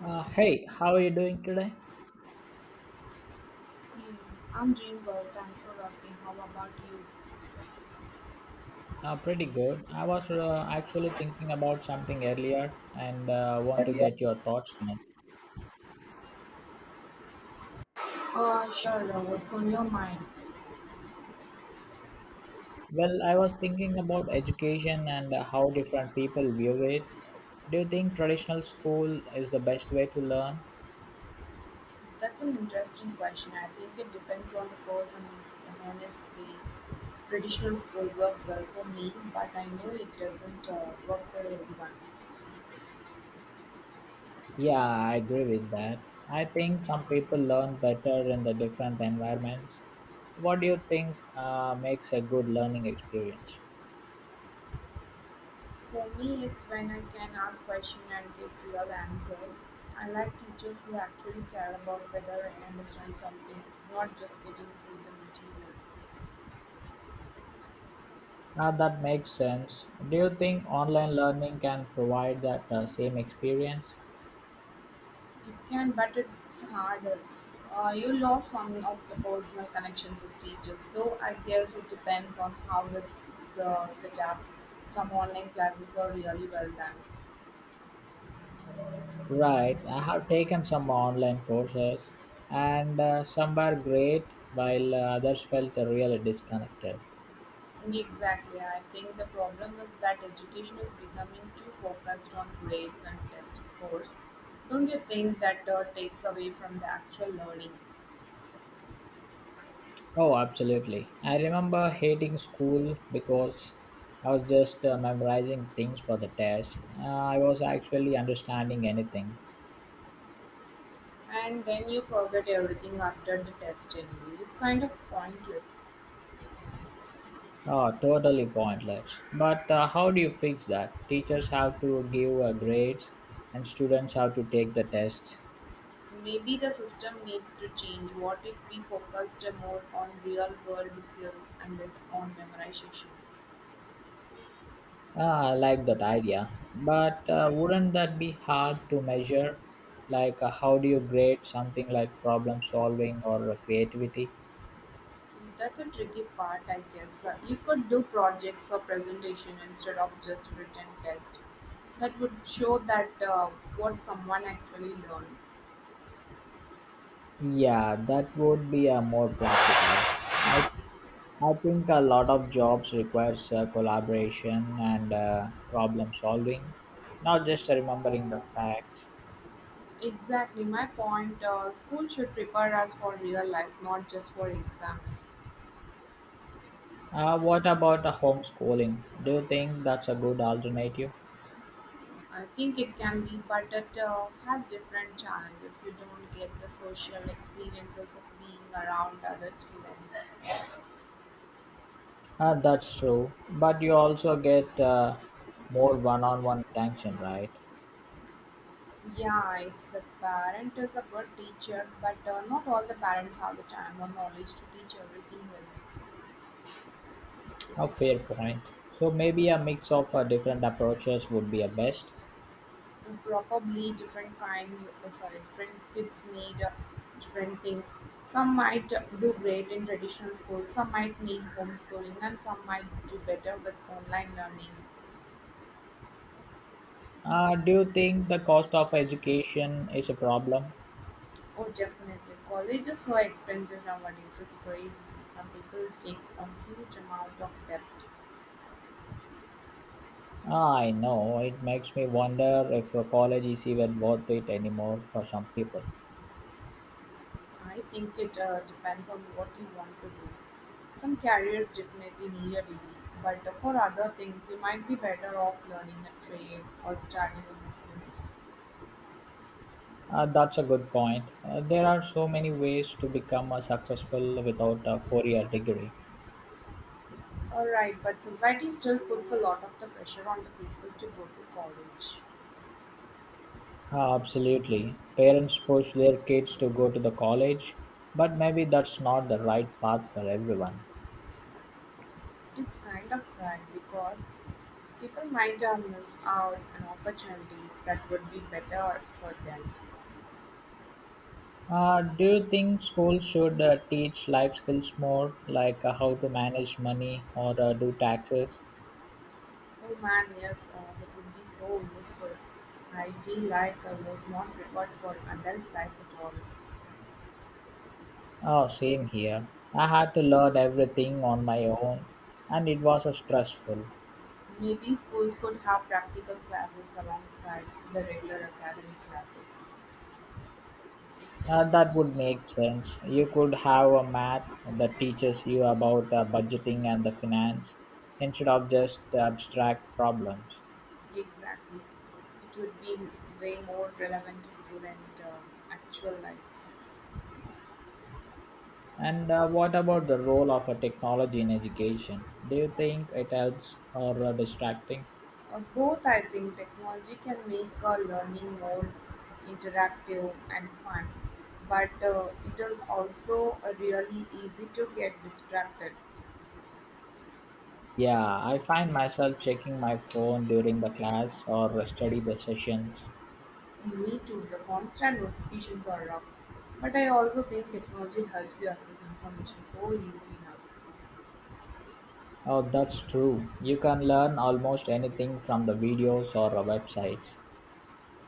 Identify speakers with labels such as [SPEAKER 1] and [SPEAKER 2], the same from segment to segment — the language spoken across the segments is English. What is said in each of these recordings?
[SPEAKER 1] Hey, how are you doing today?
[SPEAKER 2] Hmm, I'm doing well, thanks for asking. How about you?
[SPEAKER 1] Pretty good. I was actually thinking about something earlier and want to get your thoughts on it.
[SPEAKER 2] Sure. What's on your mind?
[SPEAKER 1] Well, I was thinking about education and how different people view it. Do you think traditional school is the best way to learn?
[SPEAKER 2] That's an interesting question. I think it depends on the person. And honestly, traditional school worked well for me, but I know it doesn't work for everyone.
[SPEAKER 1] Yeah, I agree with that. I think some people learn better in the different environments. What do you think makes a good learning experience?
[SPEAKER 2] For me, it's when I can ask questions and get real answers. I like teachers who actually care about whether I understand something, not just getting through the material.
[SPEAKER 1] That makes sense. Do you think online learning can provide that same experience?
[SPEAKER 2] It can, but it's harder. You lost some of the personal connections with teachers, though I guess it depends on how it's set up. Some online classes are really well done.
[SPEAKER 1] Right. I have taken some online courses, and some were great, while others felt really disconnected.
[SPEAKER 2] Exactly. I think the problem is that education is becoming too focused on grades and test scores. Don't you think that takes away from the actual learning?
[SPEAKER 1] Oh, absolutely. I remember hating school because I was just memorizing things for the test. I was actually understanding anything.
[SPEAKER 2] And then you forget everything after the test anyway. It's kind of pointless.
[SPEAKER 1] Oh, totally pointless. But how do you fix that? Teachers have to give grades and students have to take the tests.
[SPEAKER 2] Maybe the system needs to change. What if we focused more on real world skills and less on memorization?
[SPEAKER 1] Ah, I like that idea. But wouldn't that be hard to measure? Like, how do you grade something like problem solving or creativity?
[SPEAKER 2] That's a tricky part, I guess. You could do projects or presentation instead of just written test. That would show that what someone actually learned.
[SPEAKER 1] Yeah, that would be more practical. I I think a lot of jobs requires collaboration and problem solving, not just remembering the facts.
[SPEAKER 2] Exactly my point. School should prepare us for real life, not just for exams.
[SPEAKER 1] What about homeschooling? Do you think that's a good alternative?
[SPEAKER 2] I think it can be, but it has different challenges. You don't get the social experiences of being around other students.
[SPEAKER 1] That's true, but you also get more one on one attention, right?
[SPEAKER 2] Yeah, if the parent is a good teacher, but not all the parents have the time or knowledge to teach everything well.
[SPEAKER 1] A fair point. So maybe a mix of different approaches would be a best.
[SPEAKER 2] And probably different kinds, different kids need different things. Some might do great in traditional school, some might need homeschooling, and some might do better with online learning.
[SPEAKER 1] Do you think the cost of education is a problem?
[SPEAKER 2] Oh, definitely. College is so expensive nowadays. It's crazy. Some people take a huge amount of debt.
[SPEAKER 1] I know it makes me wonder if a college is even worth it anymore for some people.
[SPEAKER 2] I think it depends on what you want to do. Some careers definitely need a degree, but for other things, you might be better off learning a trade or starting a business.
[SPEAKER 1] That's a good point. There are so many ways to become successful without a four-year degree.
[SPEAKER 2] All right, but society still puts a lot of the pressure on the people to go to college.
[SPEAKER 1] Ah, absolutely. Parents push their kids to go to the college, but maybe that's not the right path for everyone.
[SPEAKER 2] It's kind of sad because people might miss out on opportunities that would be better for them.
[SPEAKER 1] Do you think schools should teach life skills more, like how to manage money or do taxes?
[SPEAKER 2] Oh man, yes, that would be so useful. I feel like I was not prepared for adult life at all.
[SPEAKER 1] Oh, same here. I had to learn everything on my own, and it was stressful.
[SPEAKER 2] Maybe schools could have practical classes alongside the regular academic classes.
[SPEAKER 1] That would make sense. You could have a math that teaches you about budgeting and the finance instead of just abstract problems.
[SPEAKER 2] Exactly. It would be way more relevant to student actual lives.
[SPEAKER 1] And what about the role of a technology in education? Do you think it helps or distracting?
[SPEAKER 2] Both, I think, technology can make learning more interactive and fun, but it is also really easy to get distracted.
[SPEAKER 1] Yeah, I find myself checking my phone during the class or study the sessions.
[SPEAKER 2] Me too, the constant notifications are rough. But I also think technology helps you access information so easily now.
[SPEAKER 1] Oh, that's true. You can learn almost anything from the videos or websites.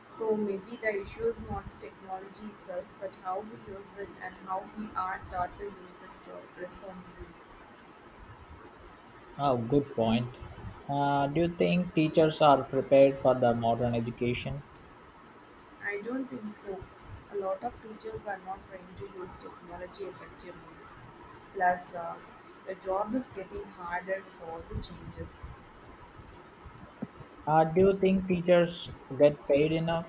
[SPEAKER 2] So maybe the issue is not the technology itself, but how we use it and how we are taught to use it responsibly.
[SPEAKER 1] Oh, good point. Do you think teachers are prepared for the modern education?
[SPEAKER 2] I don't think so. A lot of teachers were not trained to use technology effectively. Plus, the job is getting harder with all the changes.
[SPEAKER 1] Do you think teachers get paid enough?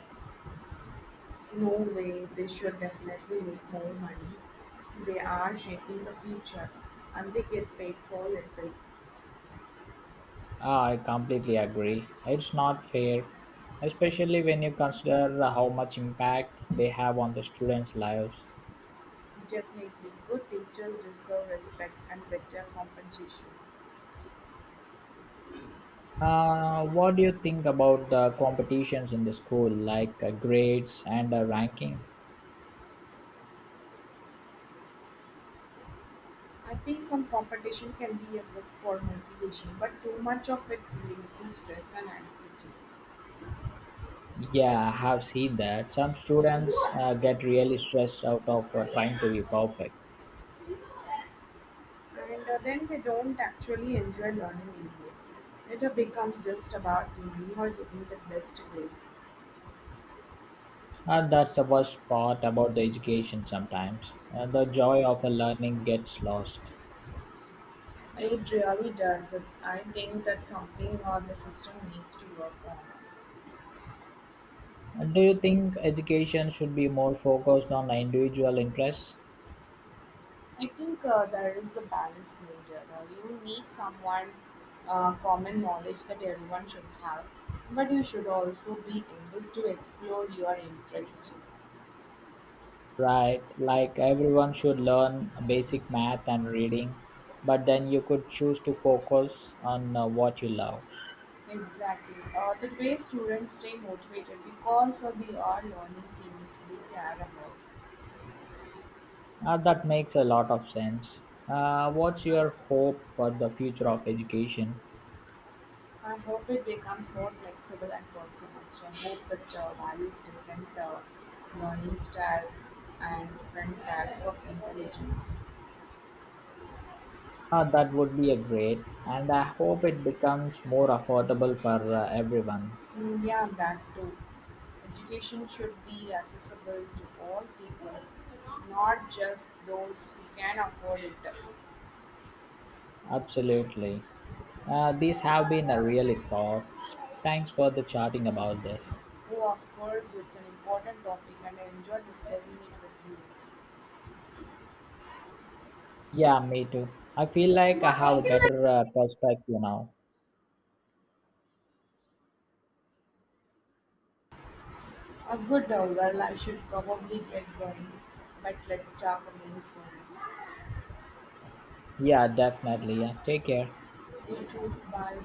[SPEAKER 2] No way, they should definitely make more money. They are shaping the future and they get paid so little.
[SPEAKER 1] Ah, I completely agree. It's not fair, especially when you consider how much impact they have on the students' lives.
[SPEAKER 2] Definitely, good teachers deserve respect and better compensation.
[SPEAKER 1] What do you think about the competitions in the school, like grades and ranking?
[SPEAKER 2] I think some competition can be a good for motivation, but too much of it releases stress and anxiety.
[SPEAKER 1] Yeah, I have seen that. Some students get really stressed out of trying to be perfect.
[SPEAKER 2] And then they don't actually enjoy learning anymore. It becomes just about winning or getting the best grades.
[SPEAKER 1] And that's the worst part about the education sometimes. The joy of learning gets lost.
[SPEAKER 2] It really does. I think that's something the system needs to work on.
[SPEAKER 1] And do you think education should be more focused on individual interests?
[SPEAKER 2] I think there is a balance needed. You need someone common knowledge that everyone should have, but you should also be able to explore your interest.
[SPEAKER 1] Right, like everyone should learn basic math and reading, but then you could choose to focus on what you love.
[SPEAKER 2] Exactly. The way students stay motivated because of the all learning things they care about.
[SPEAKER 1] That makes a lot of sense. What's your hope for the future of education?
[SPEAKER 2] I hope it becomes more flexible and personalized. I hope it values different learning styles and different types of intelligence.
[SPEAKER 1] That would be a great, and I hope it becomes more affordable for everyone.
[SPEAKER 2] Mm, yeah, that too. Education should be accessible to all people, not just those who can afford it.
[SPEAKER 1] Absolutely. These have been a really thought. Thanks for the chatting about this.
[SPEAKER 2] Oh, of course, it's an important topic and I enjoyed discussing it with you.
[SPEAKER 1] Yeah, me too. I feel like I have a better perspective now.
[SPEAKER 2] A good well, I should probably get going, but let's talk again soon.
[SPEAKER 1] Yeah, definitely. Yeah, take care.
[SPEAKER 2] Me too, bye.